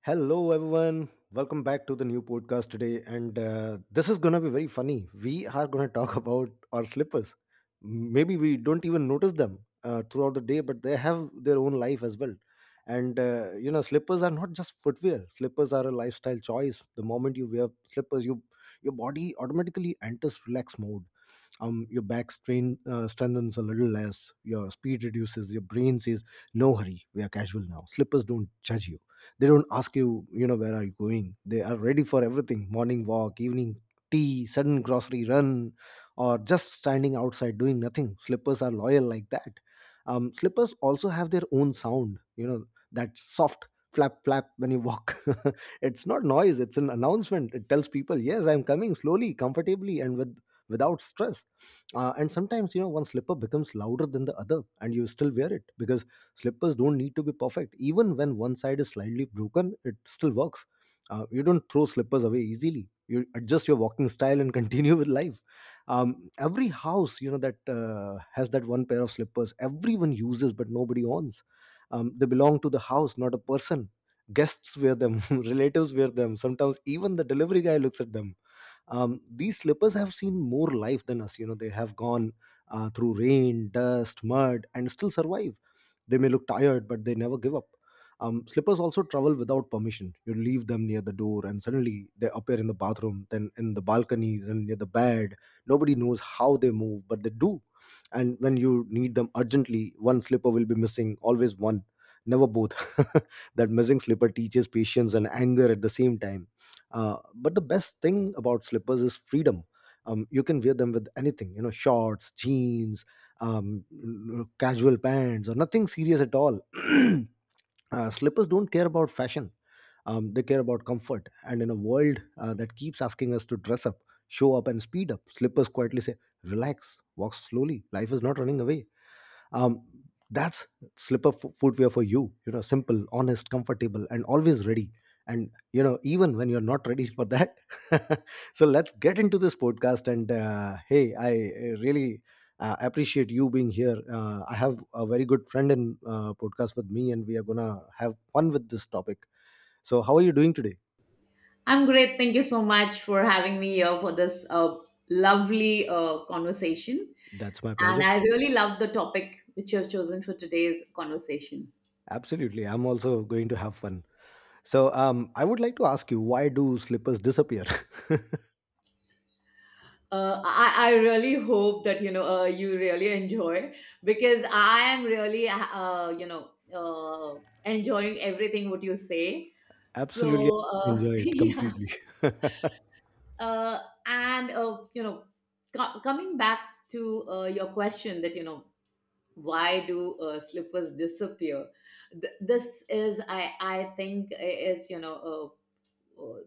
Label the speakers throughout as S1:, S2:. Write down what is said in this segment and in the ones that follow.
S1: Hello, everyone. Welcome back to the new podcast today. And this is going to be very funny. We are going to talk about our slippers. Maybe we don't even notice them throughout the day, but they have their own life as well. Slippers are not just footwear, slippers are a lifestyle choice. The moment you wear slippers, you, your body automatically enters relaxed mode. Your back strain strengthens a little less, your speed reduces, your brain says, "No hurry, we are casual now." Slippers don't judge you; they don't ask you, where are you going. They are ready for everything: morning walk, evening tea, sudden grocery run, or just standing outside doing nothing. Slippers are loyal like that. Slippers also have their own sound, you know, that soft flap flap when you walk. It's not noise; it's an announcement. It tells people, "Yes, I'm coming slowly, comfortably, and with." Without stress. And sometimes, you know, one slipper becomes louder than the other, and you still wear it, because slippers don't need to be perfect. Even when one side is slightly broken, it still works. You don't throw slippers away easily. You adjust your walking style and continue with life. Every house, you know, that has that one pair of slippers everyone uses but nobody owns. They belong to the house, not a person. Guests wear them, relatives wear them, sometimes even the delivery guy looks at them. These slippers have seen more life than us, you know. They have gone through rain, dust, mud, and still survive. They may look tired, but they never give up. Slippers also travel without permission. You leave them near the door, and suddenly they appear in the bathroom, then in the balcony, then near the bed. Nobody knows how they move, but they do. And when you need them urgently, one slipper will be missing, always one, never both. That missing slipper teaches patience and anger at the same time. But the best thing about slippers is freedom. You can wear them with anything, you know, shorts, jeans, um, casual pants, or nothing serious at all. Slippers don't care about fashion. They care about comfort. And in a world that keeps asking us to dress up, show up, and speed up, slippers quietly say, relax, walk slowly. Life is not running away. Um, that's Slipper footwear for you, you know, simple, honest, comfortable, and always ready. And, you know, even when you're not ready for that. So let's get into this podcast. And Hey, I really appreciate you being here. I have a very good friend in podcast with me, and we are gonna have fun with this topic. So how are you doing today?
S2: I'm great. Thank you so much for having me here for this lovely conversation.
S1: That's my
S2: And
S1: pleasure.
S2: I really love the topic which you have chosen for today's conversation.
S1: Absolutely, I'm also going to have fun. So I would like to ask you, why do slippers disappear?
S2: I really hope that you know you really enjoy, because I am really enjoying everything what you say.
S1: Absolutely,
S2: So
S1: I enjoy it
S2: yeah,
S1: completely.
S2: uh, and coming back to your question that you know why do slippers disappear. This is I think is you know, uh, uh,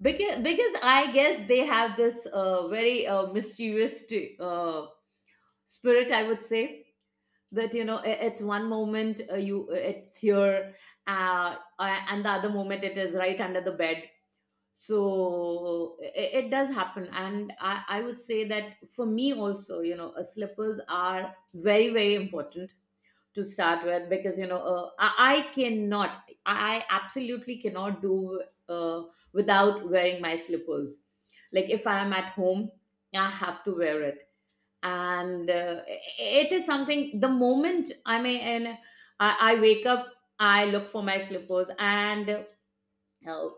S2: because I guess they have this very mischievous uh, spirit, I would say. That you know i- it's one moment, you, it's here, and the other moment it is right under the bed. So it does happen, and I would say that for me also, you know, slippers are very, very important to start with, because you know, I cannot, I absolutely cannot do uh, without wearing my slippers. Like, if I am at home, I have to wear it. And it is something, the moment I may and I wake up, I look for my slippers. And uh,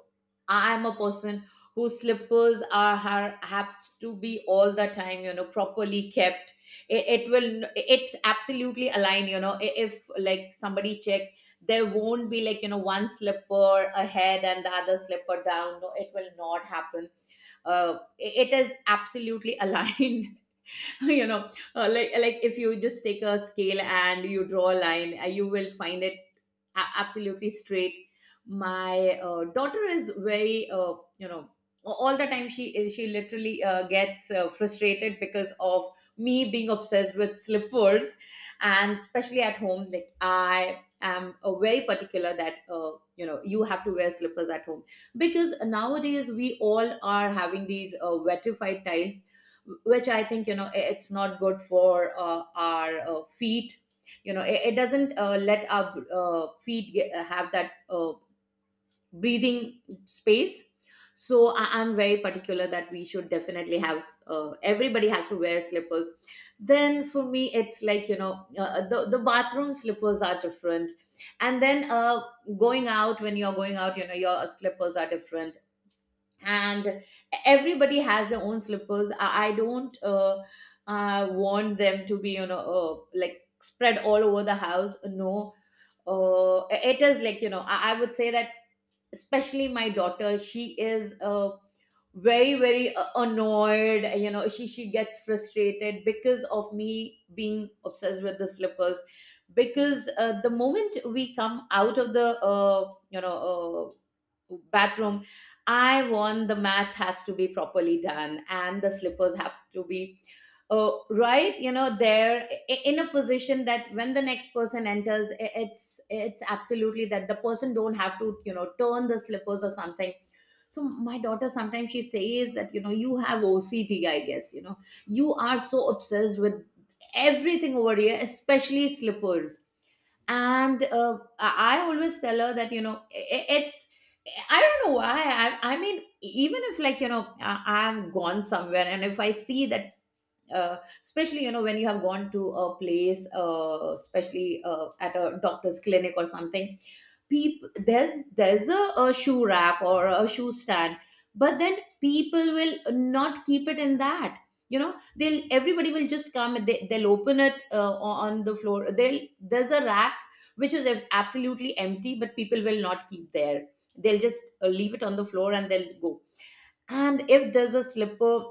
S2: I'm a person whose slippers are haps to be all the time, you know, properly kept. It's absolutely aligned, you know. If like somebody checks, there won't be, like, you know, one slipper ahead and the other slipper down. No, it will not happen. It is absolutely aligned, you know. Like if you just take a scale and you draw a line, you will find it absolutely straight. My daughter is very, you know, all the time she is she literally gets frustrated because of me being obsessed with slippers. And especially at home, like, I am very particular that you know, you have to wear slippers at home, because nowadays we all are having these vetrified tiles, which I think, you know, it's not good for our feet. You know, it doesn't let our feet get, have that breathing space. So I'm very particular that we should definitely have, everybody has to wear slippers. Then for me it's like, you know, the bathroom slippers are different, and then going out, when you're going out, you know, your slippers are different. And everybody has their own slippers. I don't want them to be, you know, like, spread all over the house. No. uh, it is like, you know, I would say that especially my daughter, she is a very, very annoyed, you know, she gets frustrated because of me being obsessed with the slippers. Because the moment we come out of the you know, bathroom, I want the math has to be properly done, and the slippers have to be right, you know, there, in a position that when the next person enters, it's absolutely that the person don't have to, you know, turn the slippers or something. So my daughter sometimes she says that, you know, you have OCD, guess, you know, you are so obsessed with everything over here, especially slippers. And I always tell her that, you know, it's I don't know why. I mean, even if, like, you know, I've gone somewhere and if I see that, especially, you know, when you have gone to a place, especially at a doctor's clinic or something, people, there's a shoe rack or a shoe stand, but then people will not keep it in that. You know, they'll everybody will just come and they'll open it on the floor. They'll, there's a rack which is absolutely empty, but people will not keep there. They'll just leave it on the floor and they'll go. And if there's a slipper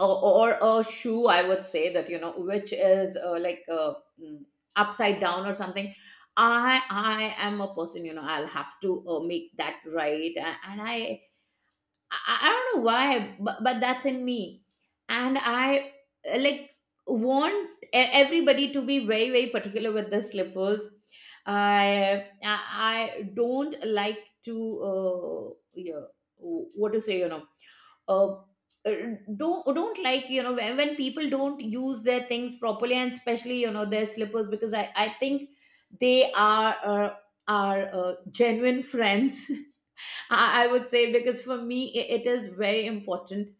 S2: or a shoe, I would say, that you know, which is mm, upside down or something, I am a person, you know, I'll have to make that right. And I don't know why, but that's in me. And I like, want everybody to be very, very particular with the slippers. I I I don't like to yeah, what to say, you know, uh, uh, don't like, you know, when people don't use their things properly, and especially, you know, their slippers, because I think they are genuine friends. I would say, because for me it is very important.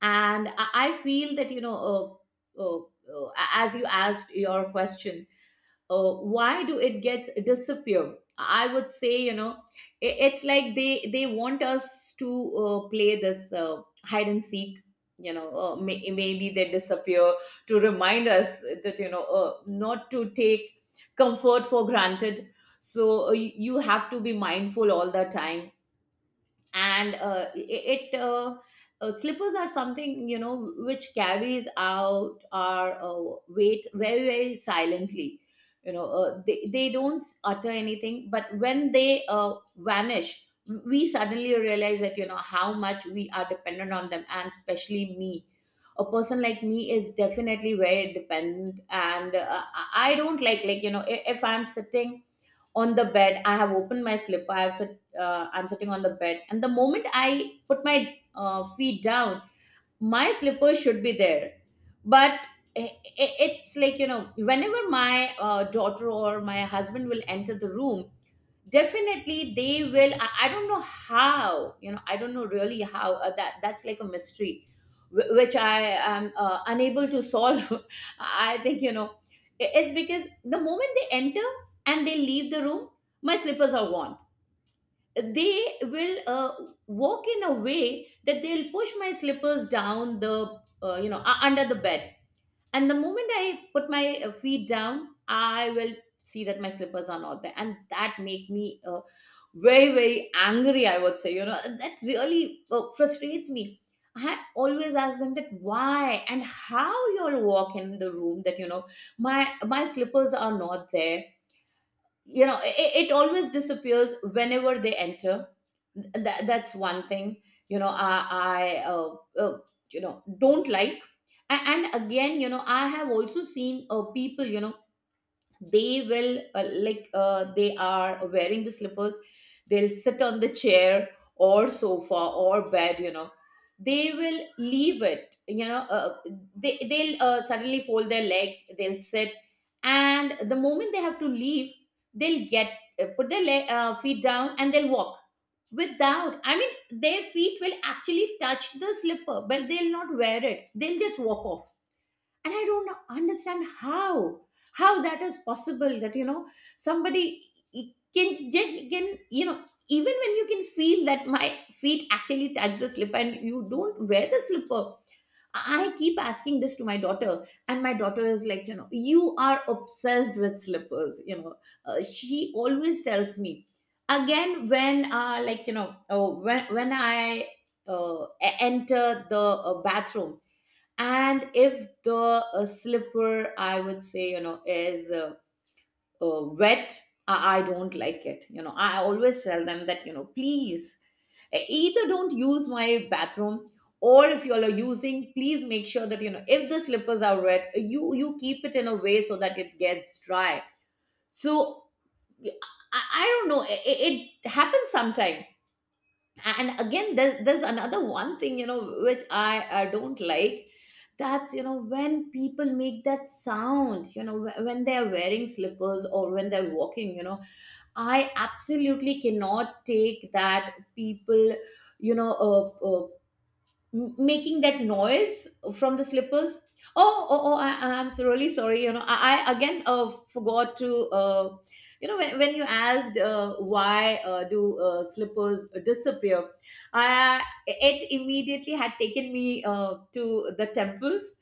S2: And I feel that, you know, as you asked your question, why do it gets disappear? I would say, you know, it's like, they want us to play this hide and seek. You know, maybe they disappear to remind us that, you know, not to take comfort for granted. So you you have to be mindful all the time. And slippers are something, you know, which carries out our weight very, very silently. You know, they don't utter anything, but when they vanish, we suddenly realize that, you know, how much we are dependent on them. And especially me, a person like me is definitely very dependent. And I don't like, you know, if I'm sitting on the bed, I have opened my slipper, I have sit, I'm sitting on the bed, and the moment I put my feet down, my slipper should be there. But i- it's like, you know, whenever my daughter or my husband will enter the room, definitely they will, I don't know how, you know, I don't know really how that, that's like a mystery which I am unable to solve. I think, you know, it's because the moment they enter and they leave the room, my slippers are gone. They will walk in a way that they'll push my slippers down the under the bed. And the moment I put my feet down, I will see that my slippers are not there, and that make me very, very angry, I would say. You know, that really frustrates me. I always ask them, that why and how you'll walk in the room that, you know, my slippers are not there. You know, it always disappears whenever they enter. That's one thing, you know, I you know, don't like. And again, you know, I have also seen people, you know, they will they are wearing the slippers, they'll sit on the chair or sofa or bed. You know, they will leave it. You know, they'll suddenly fold their legs, they'll sit, and the moment they have to leave, they'll get put their feet down and they'll walk. Without, I mean, their feet will actually touch the slipper, but they'll not wear it, they'll just walk off. And I don't understand how that is possible, that you know, somebody can can, you know, even when you can feel that my feet actually touch the slipper and you don't wear the slipper. I keep asking this to my daughter, and my daughter is like, you know, you are obsessed with slippers, you know. She always tells me. Again, when when I enter the bathroom, and if the slipper, I would say, you know, is wet, I don't like it. You know, I always tell them that, you know, please, either don't use my bathroom, or if you are using, please make sure that, you know, if the slippers are wet, you keep it in a way so that it gets dry. So i, I don't know, it it happens sometime. And again, there's another one thing, you know, which I don't like. That's, you know, when people make that sound, you know, when they're wearing slippers or when they're walking, you know. I absolutely cannot take that, people, you know, making that noise from the slippers. Oh, oh, oh! I'm so really sorry. You know, I again forgot to. You know, when you asked why do slippers disappear, it immediately had taken me to the temples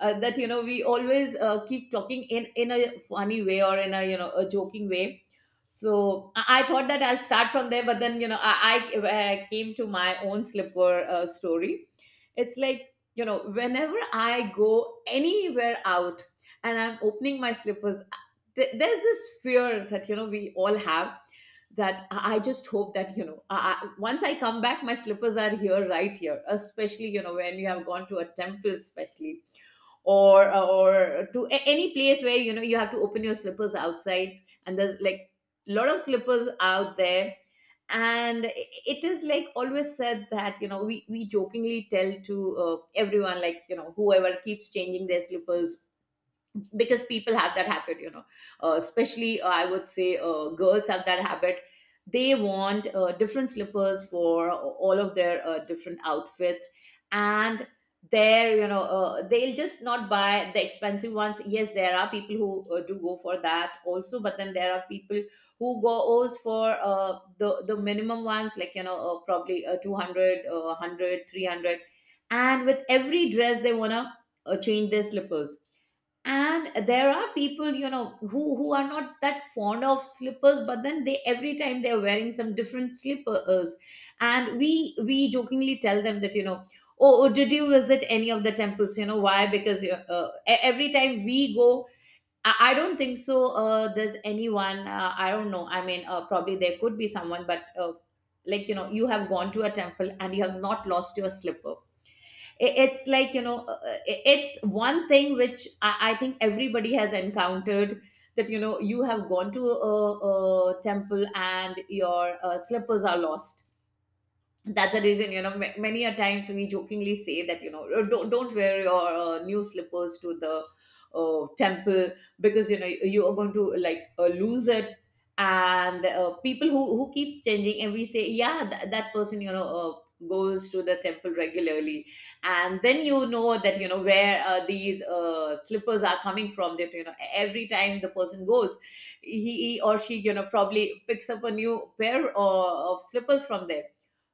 S2: that you know we always keep talking in a funny way or in a you know a joking way. So I thought that I'll start from there, but then you know I came to my own slipper story. It's like, you know, whenever I go anywhere out and I'm opening my slippers, there's this fear that, you know, we all have, that I just hope that, you know, once I come back, my slippers are here, right here, especially, you know, when you have gone to a temple, especially, or to any place where you know you have to open your slippers outside, and there's like a lot of slippers out there. And it is like always said that you know we jokingly tell to everyone like you know whoever keeps changing their slippers, because people have that habit, you know, especially I would say girls have that habit. They want different slippers for all of their different outfits, and they're you know they'll just not buy the expensive ones. Yes, there are people who do go for that also, but then there are people who goes for the minimum ones, like you know probably 200 100, and with every dress they want to change their slippers. And there are people, you know, who are not that fond of slippers, but then they every time they're wearing some different slippers. And we jokingly tell them that you know, oh, oh, did you visit any of the temples, you know why, because every time we go. I don't think so there's anyone, I don't know, I mean probably there could be someone, but like you know you have gone to a temple and you have not lost your slipper. It's like you know it's one thing which I think everybody has encountered, that you know you have gone to a temple and your slippers are lost. That's the reason, you know, many a times we jokingly say that you know, "Oh, don't wear your new slippers to the temple, because you know you are going to like lose it." And people who keeps changing, and we say, yeah, that person, you know, goes to the temple regularly. And then you know that you know where these slippers are coming from, that you know every time the person goes, he or she you know probably picks up a new pair of slippers from there.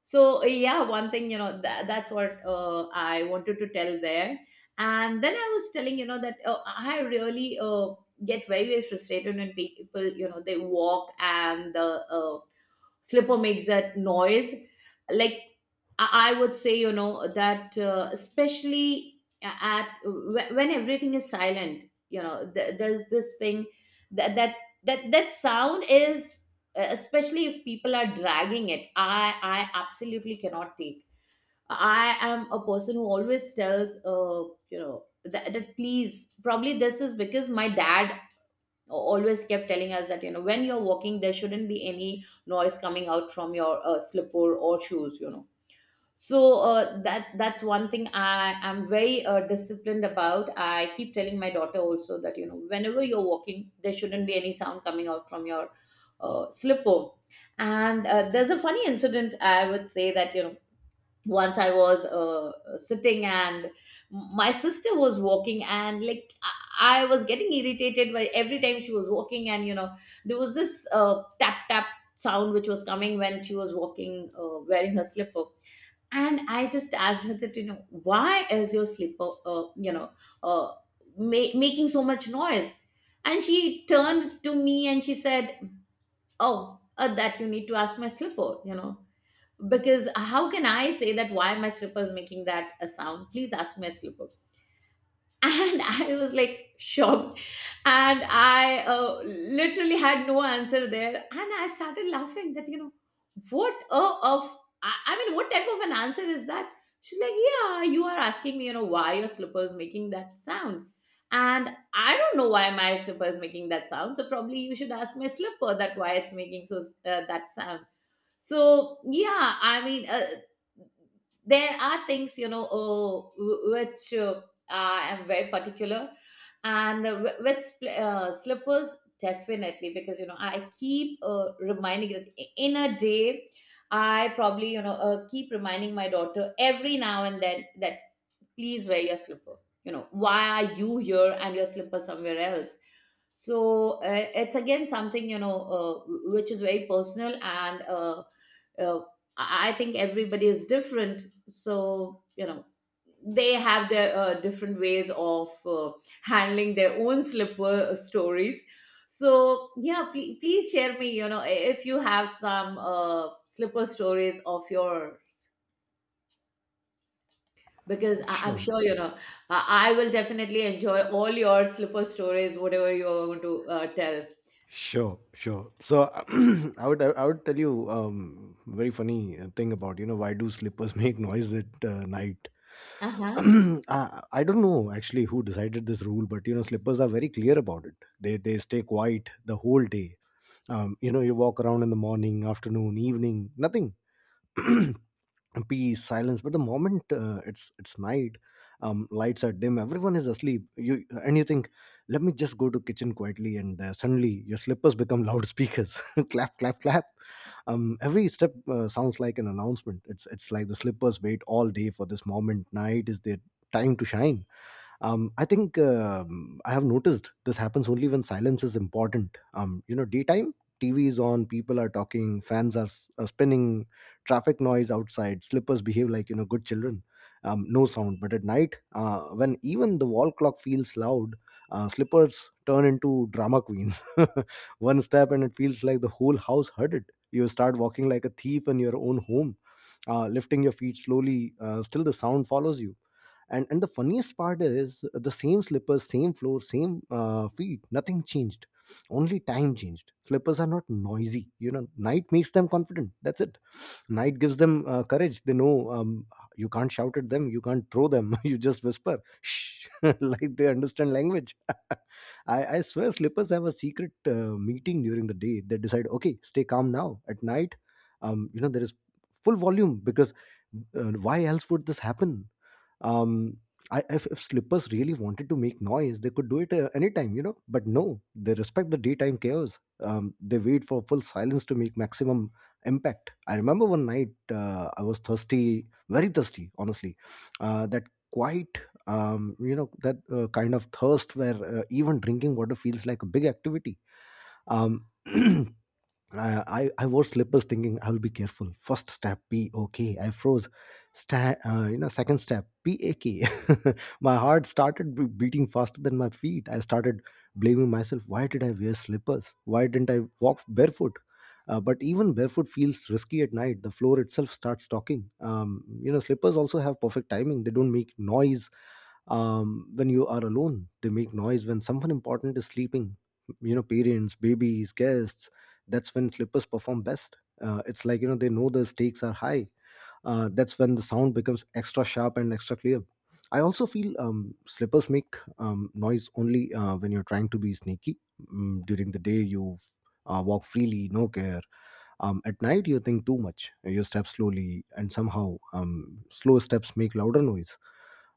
S2: So yeah, one thing you know that, that's what I wanted to tell there. And then I was telling you know that I really get very very frustrated when people you know they walk and the slipper makes that noise. Like I would say you know that especially at when everything is silent, you know there's this thing that that that, that sound is especially if people are dragging it. I absolutely cannot take. I am a person who always tells you know, that, that please, probably this is because my dad always kept telling us that you know when you're walking there shouldn't be any noise coming out from your slipper or shoes, you know. So that that's one thing I am very disciplined about. I keep telling my daughter also that you know whenever you're walking there shouldn't be any sound coming out from your slipper. And there's a funny incident I would say, that you know once I was sitting, and my sister was walking, and like I was getting irritated by every time she was walking, and you know there was this tap tap sound which was coming when she was walking wearing her slipper. And I just asked her that you know, why is your slipper you know uh, making so much noise. And she turned to me and she said, oh, that you need to ask my slipper, you know, because how can I say that why my slipper is making that a sound? Please ask my slipper. And I was like shocked, and I literally had no answer there, and I started laughing that you know what of I mean, what type of an answer is that? She's like, yeah, you are asking me, you know, why your slipper is making that sound. And I don't know why my slipper is making that sound. So probably you should ask my slipper that why it's making so that sound. So yeah, I mean, there are things, you know, oh, which I am very particular, and slippers definitely, because you know I keep reminding that in a day I probably you know keep reminding my daughter every now and then that please wear your slipper. You know, why are you here and your slipper somewhere else? So it's again something you know which is very personal. And. Uh, I think everybody is different. So, you know, they have their different ways of handling their own slipper stories. So, yeah, please share me, you know, if you have some slipper stories of your, because I'm
S1: Sure.
S2: sure, you know, I will definitely enjoy all your slipper stories, whatever you are going to tell.
S1: Sure, sure. So I would tell you, um, very funny thing about, you know, why do slippers make noise at night?
S2: Uh-huh.
S1: I don't know actually who decided this rule, but you know slippers are very clear about it. They stay quiet the whole day. You know, you walk around in the morning, afternoon, evening, nothing. Peace, silence. But the moment it's night, lights are dim, everyone is asleep, you and you think, let me just go to kitchen quietly. And Suddenly your slippers become loudspeakers. Clap, clap, clap. Every step sounds like an announcement. It's like the slippers wait all day for this moment. Night is their time to shine. I have noticed this happens only when silence is important. You know, daytime, TV is on, people are talking, fans are, are spinning, traffic noise outside. Slippers behave like, you know, good children. No sound. But at night, when even the wall clock feels loud, slippers turn into drama queens. One step and it feels like the whole house heard it. You start walking like a thief in your own home, lifting your feet slowly, still the sound follows you. And the funniest part is, the same slippers, same floor, same feet, nothing changed. Only time changed. Slippers are not noisy, you know. Night makes them confident, that's it. Night gives them courage. They know, you can't shout at them, you can't throw them. You just whisper, Shh, like they understand language. I swear, slippers have a secret meeting during the day. They decide, okay, stay calm now. At night, you know, there is full volume. Because why else would this happen? Um I, if, if slippers really wanted to make noise, they could do it anytime, you know. But no, they respect the daytime chaos. They wait for full silence to make maximum impact. I remember one night, I was thirsty, very thirsty, honestly. That quite You know, that kind of thirst where even drinking water feels like a big activity. um, I wore slippers thinking I will be careful. First step, P O K. I froze. You know, second step, P A K. My heart started beating faster than my feet. I started blaming myself. Why did I wear slippers? Why didn't I walk barefoot? But even barefoot feels risky at night. The floor itself starts talking. You know, slippers also have perfect timing. They don't make noise when you are alone. They make noise when someone important is sleeping, you know, parents, babies, guests. That's when slippers perform best. It's like, you know, they know the stakes are high. That's when the sound becomes extra sharp and extra clear. I also feel, slippers make noise only when you're trying to be sneaky. Mm, during the day you walk freely, no care. At night you think too much, you step slowly, and somehow slow steps make louder noise.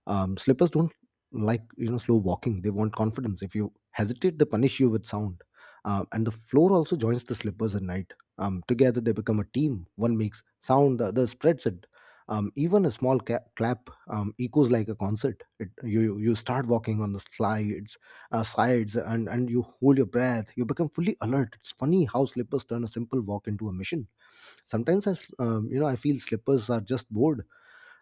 S1: Slippers don't, like you know, slow walking. They want confidence. If you hesitate, they punish you with sound. And the floor also joins the slippers at night. Together they become a team. One makes sound, the other spreads it. Even a small clap echoes like a concert. It, you start walking on the slides, sides, and you hold your breath, you become fully alert. It's funny how slippers turn a simple walk into a mission. Sometimes you know, I feel slippers are just bored.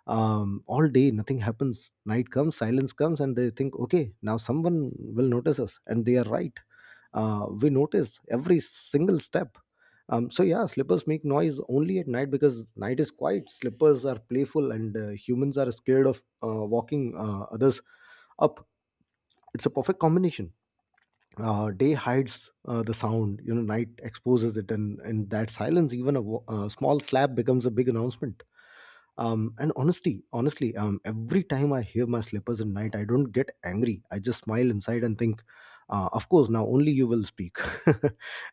S1: All day nothing happens, night comes, silence comes, and they think, okay, now someone will notice us. And they are right. We notice every single step. So yeah, slippers make noise only at night because night is quiet, slippers are playful, and humans are scared of walking others up. It's a perfect combination. Day hides the sound, you know, night exposes it. And in that silence, even a small slap becomes a big announcement. And honestly, every time I hear my slippers at night, I don't get angry. I just smile inside and think, of course, now only you will speak.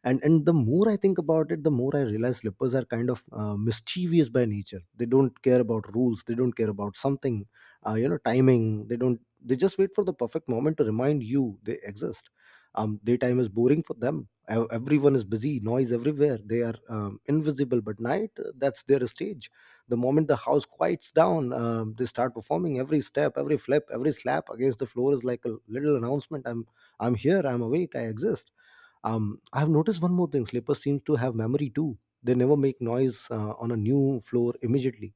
S1: And the more I think about it, the more I realize, slippers are kind of mischievous by nature. They don't care about rules, they don't care about something, you know, timing. They don't They just wait for the perfect moment to remind you they exist. Daytime is boring for them. Everyone is busy, noise everywhere, they are invisible. But night, that's their stage. The moment the house quiets down, they start performing. Every step, every flip, every slap against the floor is like a little announcement. I'm here, I'm awake, I exist. I've noticed one more thing. Slippers seem to have memory too. They never make noise on a new floor immediately.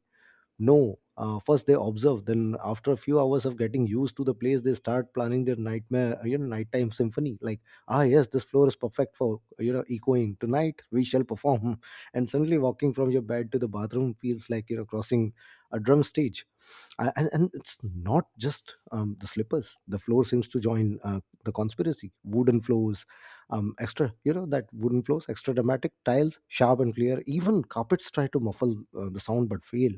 S1: No, first they observe. Then after a few hours of getting used to the place, they start planning their nightmare, you know, nighttime symphony. Like, ah, yes, this floor is perfect for, you know, echoing. Tonight we shall perform. And suddenly, walking from your bed to the bathroom feels like, you know, crossing a drum stage. And it's not just the slippers, the floor seems to join the conspiracy. Wooden floors extra that wooden floors extra dramatic, tiles sharp and clear, even carpets try to muffle the sound but fail.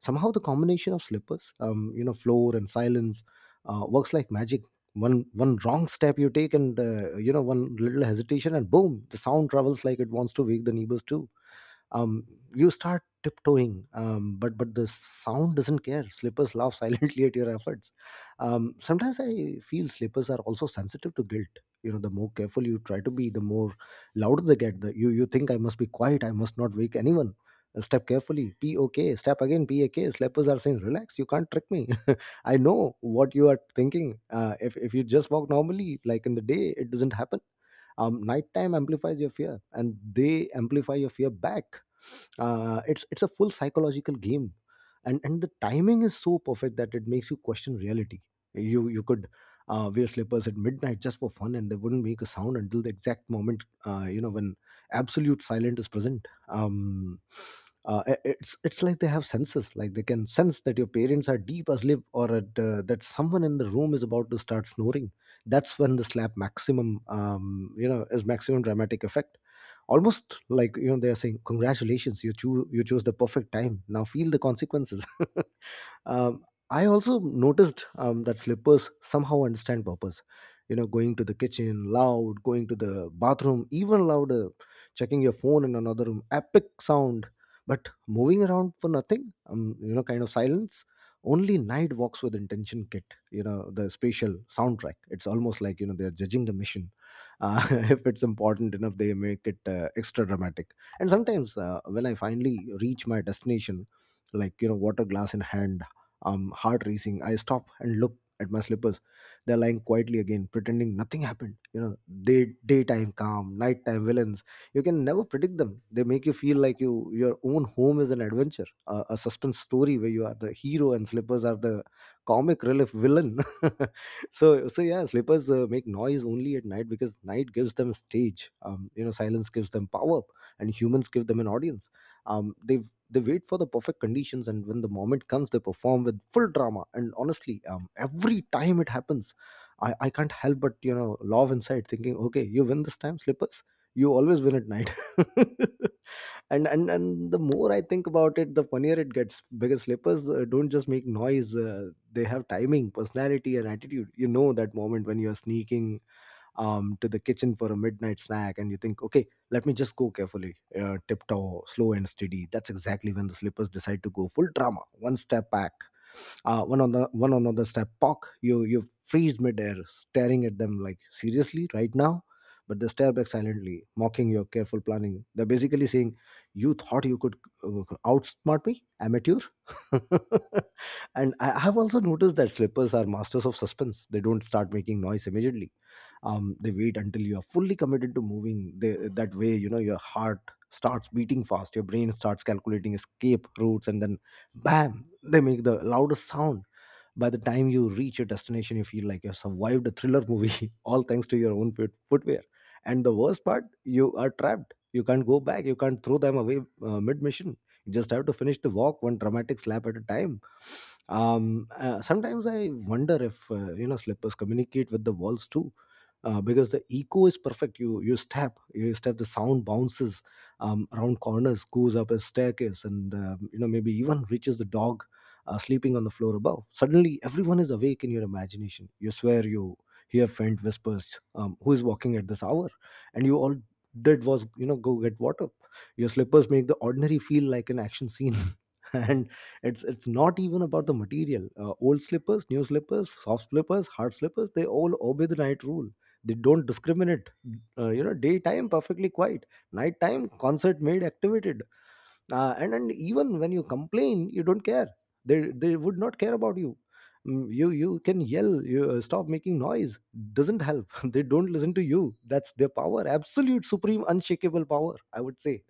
S1: Somehow the combination of slippers, floor and silence works like magic. One wrong step you take and one little hesitation and boom, the sound travels like it wants to wake the neighbors too. um, you start tiptoeing, but the sound doesn't care. Slippers laugh silently at your efforts. Sometimes I feel slippers are also sensitive to guilt. You know, the more careful you try to be, the more louder they get. You think, I must be quiet, I must not wake anyone. Step carefully, p o k, step again, p a k. Slippers are saying, relax, you can't trick me. I know what you are thinking. If you just walk normally like in the day, it doesn't happen. Nighttime amplifies your fear and they amplify your fear back. It's a full psychological game. And the timing is so perfect that it makes you question reality. You could wear slippers at midnight just for fun and they wouldn't make a sound until the exact moment when absolute silence is present. It's like they have senses, like they can sense that your parents are deep asleep or that someone in the room is about to start snoring. That's when the slap maximum, is maximum dramatic effect. Almost like they're saying, congratulations, you choose the perfect time, now feel the consequences. I also noticed that slippers somehow understand purpose. You know, going to the kitchen, loud; going to the bathroom, even louder; checking your phone in another room, epic sound. But moving around for nothing, kind of silence. Only night walks with intention kit. You know, the spatial soundtrack. It's almost like they're judging the mission. If it's important enough, they make it extra dramatic. And sometimes when I finally reach my destination, like water glass in hand, heart racing, I stop and look at my slippers. They're lying quietly again, pretending nothing happened. You know, daytime calm, nighttime villains. You can never predict them. They make you feel like your own home is an adventure, a suspense story where you are the hero and slippers are the comic relief villain. So yeah, slippers make noise only at night because night gives them stage. Silence gives them power, and humans give them an audience. um, they they wait for the perfect conditions, and when the moment comes, they perform with full drama. And honestly, every time it happens, I can't help but love inside, thinking, okay, you win this time, slippers. You always win at night. And the more I think about it, the funnier it gets, because slippers don't just make noise; they have timing, personality, and attitude. You know that moment when you are sneaking to the kitchen for a midnight snack and you think, okay, let me just go carefully, tiptoe slow and steady. That's exactly when the slippers decide to go full drama. One step back, one on the one another step, pock. You freeze midair, staring at them like, seriously, right now? But they stare back, silently mocking your careful planning. They're basically saying, you thought you could outsmart me, amateur. And I've also noticed that slippers are masters of suspense. They don't start making noise immediately. They wait until you are fully committed to moving. That way, you know, your heart starts beating fast, your brain starts calculating escape routes, and then bam, they make the loudest sound. By the time you reach your destination, you feel like you have survived a thriller movie, all thanks to your own footwear. And the worst part, you are trapped. You can't go back, you can't throw them away mid mission. You just have to finish the walk, one dramatic slap at a time. Sometimes I wonder if slippers communicate with the walls too, because the echo is perfect. You step, the sound bounces around corners, goes up a staircase, and maybe even reaches the dog sleeping on the floor above. Suddenly, everyone is awake in your imagination. You swear you hear faint whispers. Who is walking at this hour? And you all did was go get water. Your slippers make the ordinary feel like an action scene. And it's not even about the material. Old slippers, new slippers, soft slippers, hard slippers, they all obey the night rule. They don't discriminate. Daytime perfectly quiet, nighttime concert made activated. And even when you complain, you don't care. They would not care about you. Mm, you can yell, you stop making noise, doesn't help. They don't listen to you. That's their power, absolute, supreme, unshakable power, I would say.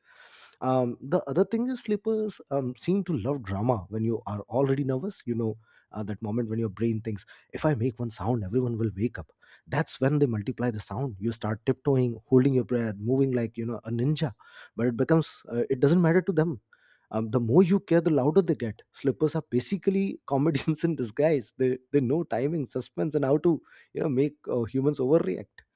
S1: The other thing is, sleepers seem to love drama when you are already nervous, you know, that moment when your brain thinks, if I make one sound everyone will wake up. That's when they multiply the sound. You start tiptoeing, holding your breath, moving like a ninja, but it becomes it doesn't matter to them. The more you care, the louder they get. Slippers are basically comedians in disguise. They know timing, suspense, and how to make humans overreact.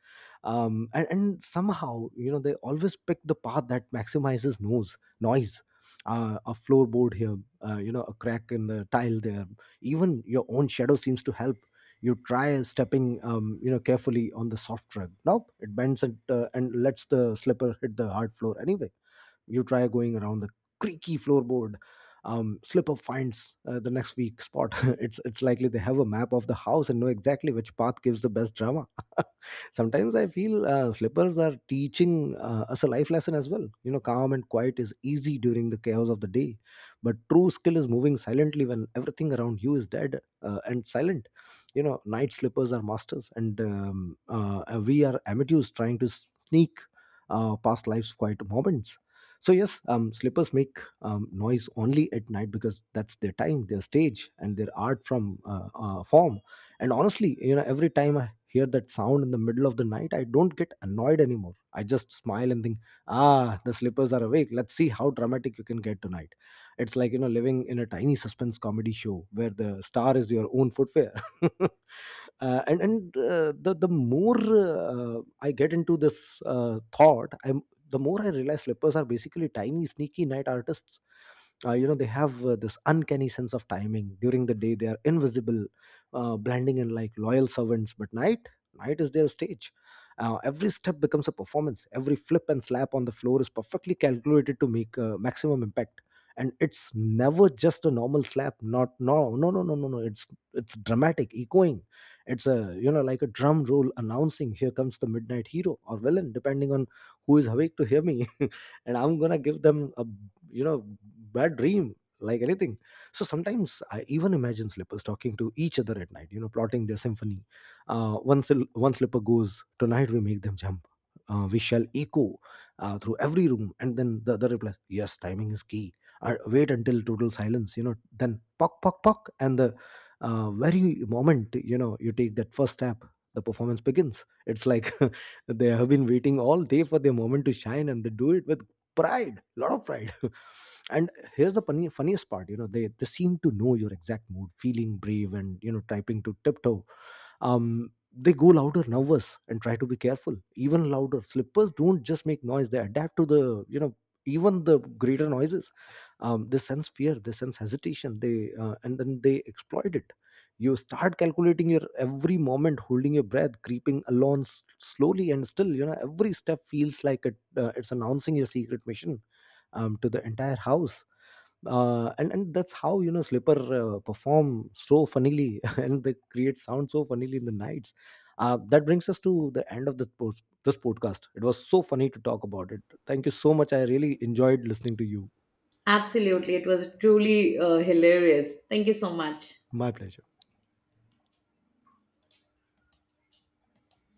S1: And somehow, you know, they always pick the path that maximizes noise. A floorboard here, a crack in the tile there, even your own shadow seems to help. You try stepping, carefully on the soft rug, nope, it bends, and lets the slipper hit the hard floor anyway. You try going around the creaky floorboard. Slip up finds the next weak spot. It's likely they have a map of the house and know exactly which path gives the best drama. Sometimes I feel slippers are teaching us a life lesson as well. You know, calm and quiet is easy during the chaos of the day, but true skill is moving silently when everything around you is dead and silent. You know, night slippers are masters, and we are amateurs trying to sneak past life's quiet moments. So yes, slippers make noise only at night because that's their time, their stage, and their art from, form. And honestly, you know, every time I hear that sound in the middle of the night, I don't get annoyed anymore. I just smile and think, ah, the slippers are awake. Let's see how dramatic you can get tonight. It's like, living in a tiny suspense comedy show where the star is your own footwear. And The more I get into this thought, I'm the more I realize slippers are basically tiny, sneaky night artists. You know, they have this uncanny sense of timing. During the day, they are invisible, blending in like loyal servants. But night, night is their stage. Every step becomes a performance. Every flip and slap on the floor is perfectly calculated to make maximum impact. And it's never just a normal slap. Not, no, no, no, no, no, no. It's dramatic, echoing. It's a, you know, like a drum roll announcing, here comes the midnight hero or villain, depending on who is awake to hear me. And I'm gonna give them a, you know, bad dream, like anything. So sometimes I even imagine slippers talking to each other at night, you know, plotting their symphony. One slipper goes, tonight we make them jump, we shall echo through every room, and then the other replies, yes, timing is key. Wait until total silence, you know, then pock pock pock. And the, very moment, you know, you take that first step, the performance begins. It's like they have been waiting all day for their moment to shine, and they do it with pride, lot of pride. And here's the funniest part. You know, they seem to know your exact mood. Feeling brave and, you know, typing to tiptoe, they go louder. Nervous and try to be careful, even louder. Slippers don't just make noise, they adapt to the, you know, even the greater noises. They sense fear, they sense hesitation. They And then they exploit it. You start calculating your every moment, holding your breath, creeping along slowly, and still, you know, every step feels like it's announcing your secret mission to the entire house. And that's how, you know, slipper perform so funnily and they create sound so funnily in the nights. That brings us to the end of this podcast. It was so funny to talk about it. Thank you so much, I really enjoyed listening to you.
S2: Absolutely. It was truly hilarious. Thank you so much.
S1: My pleasure.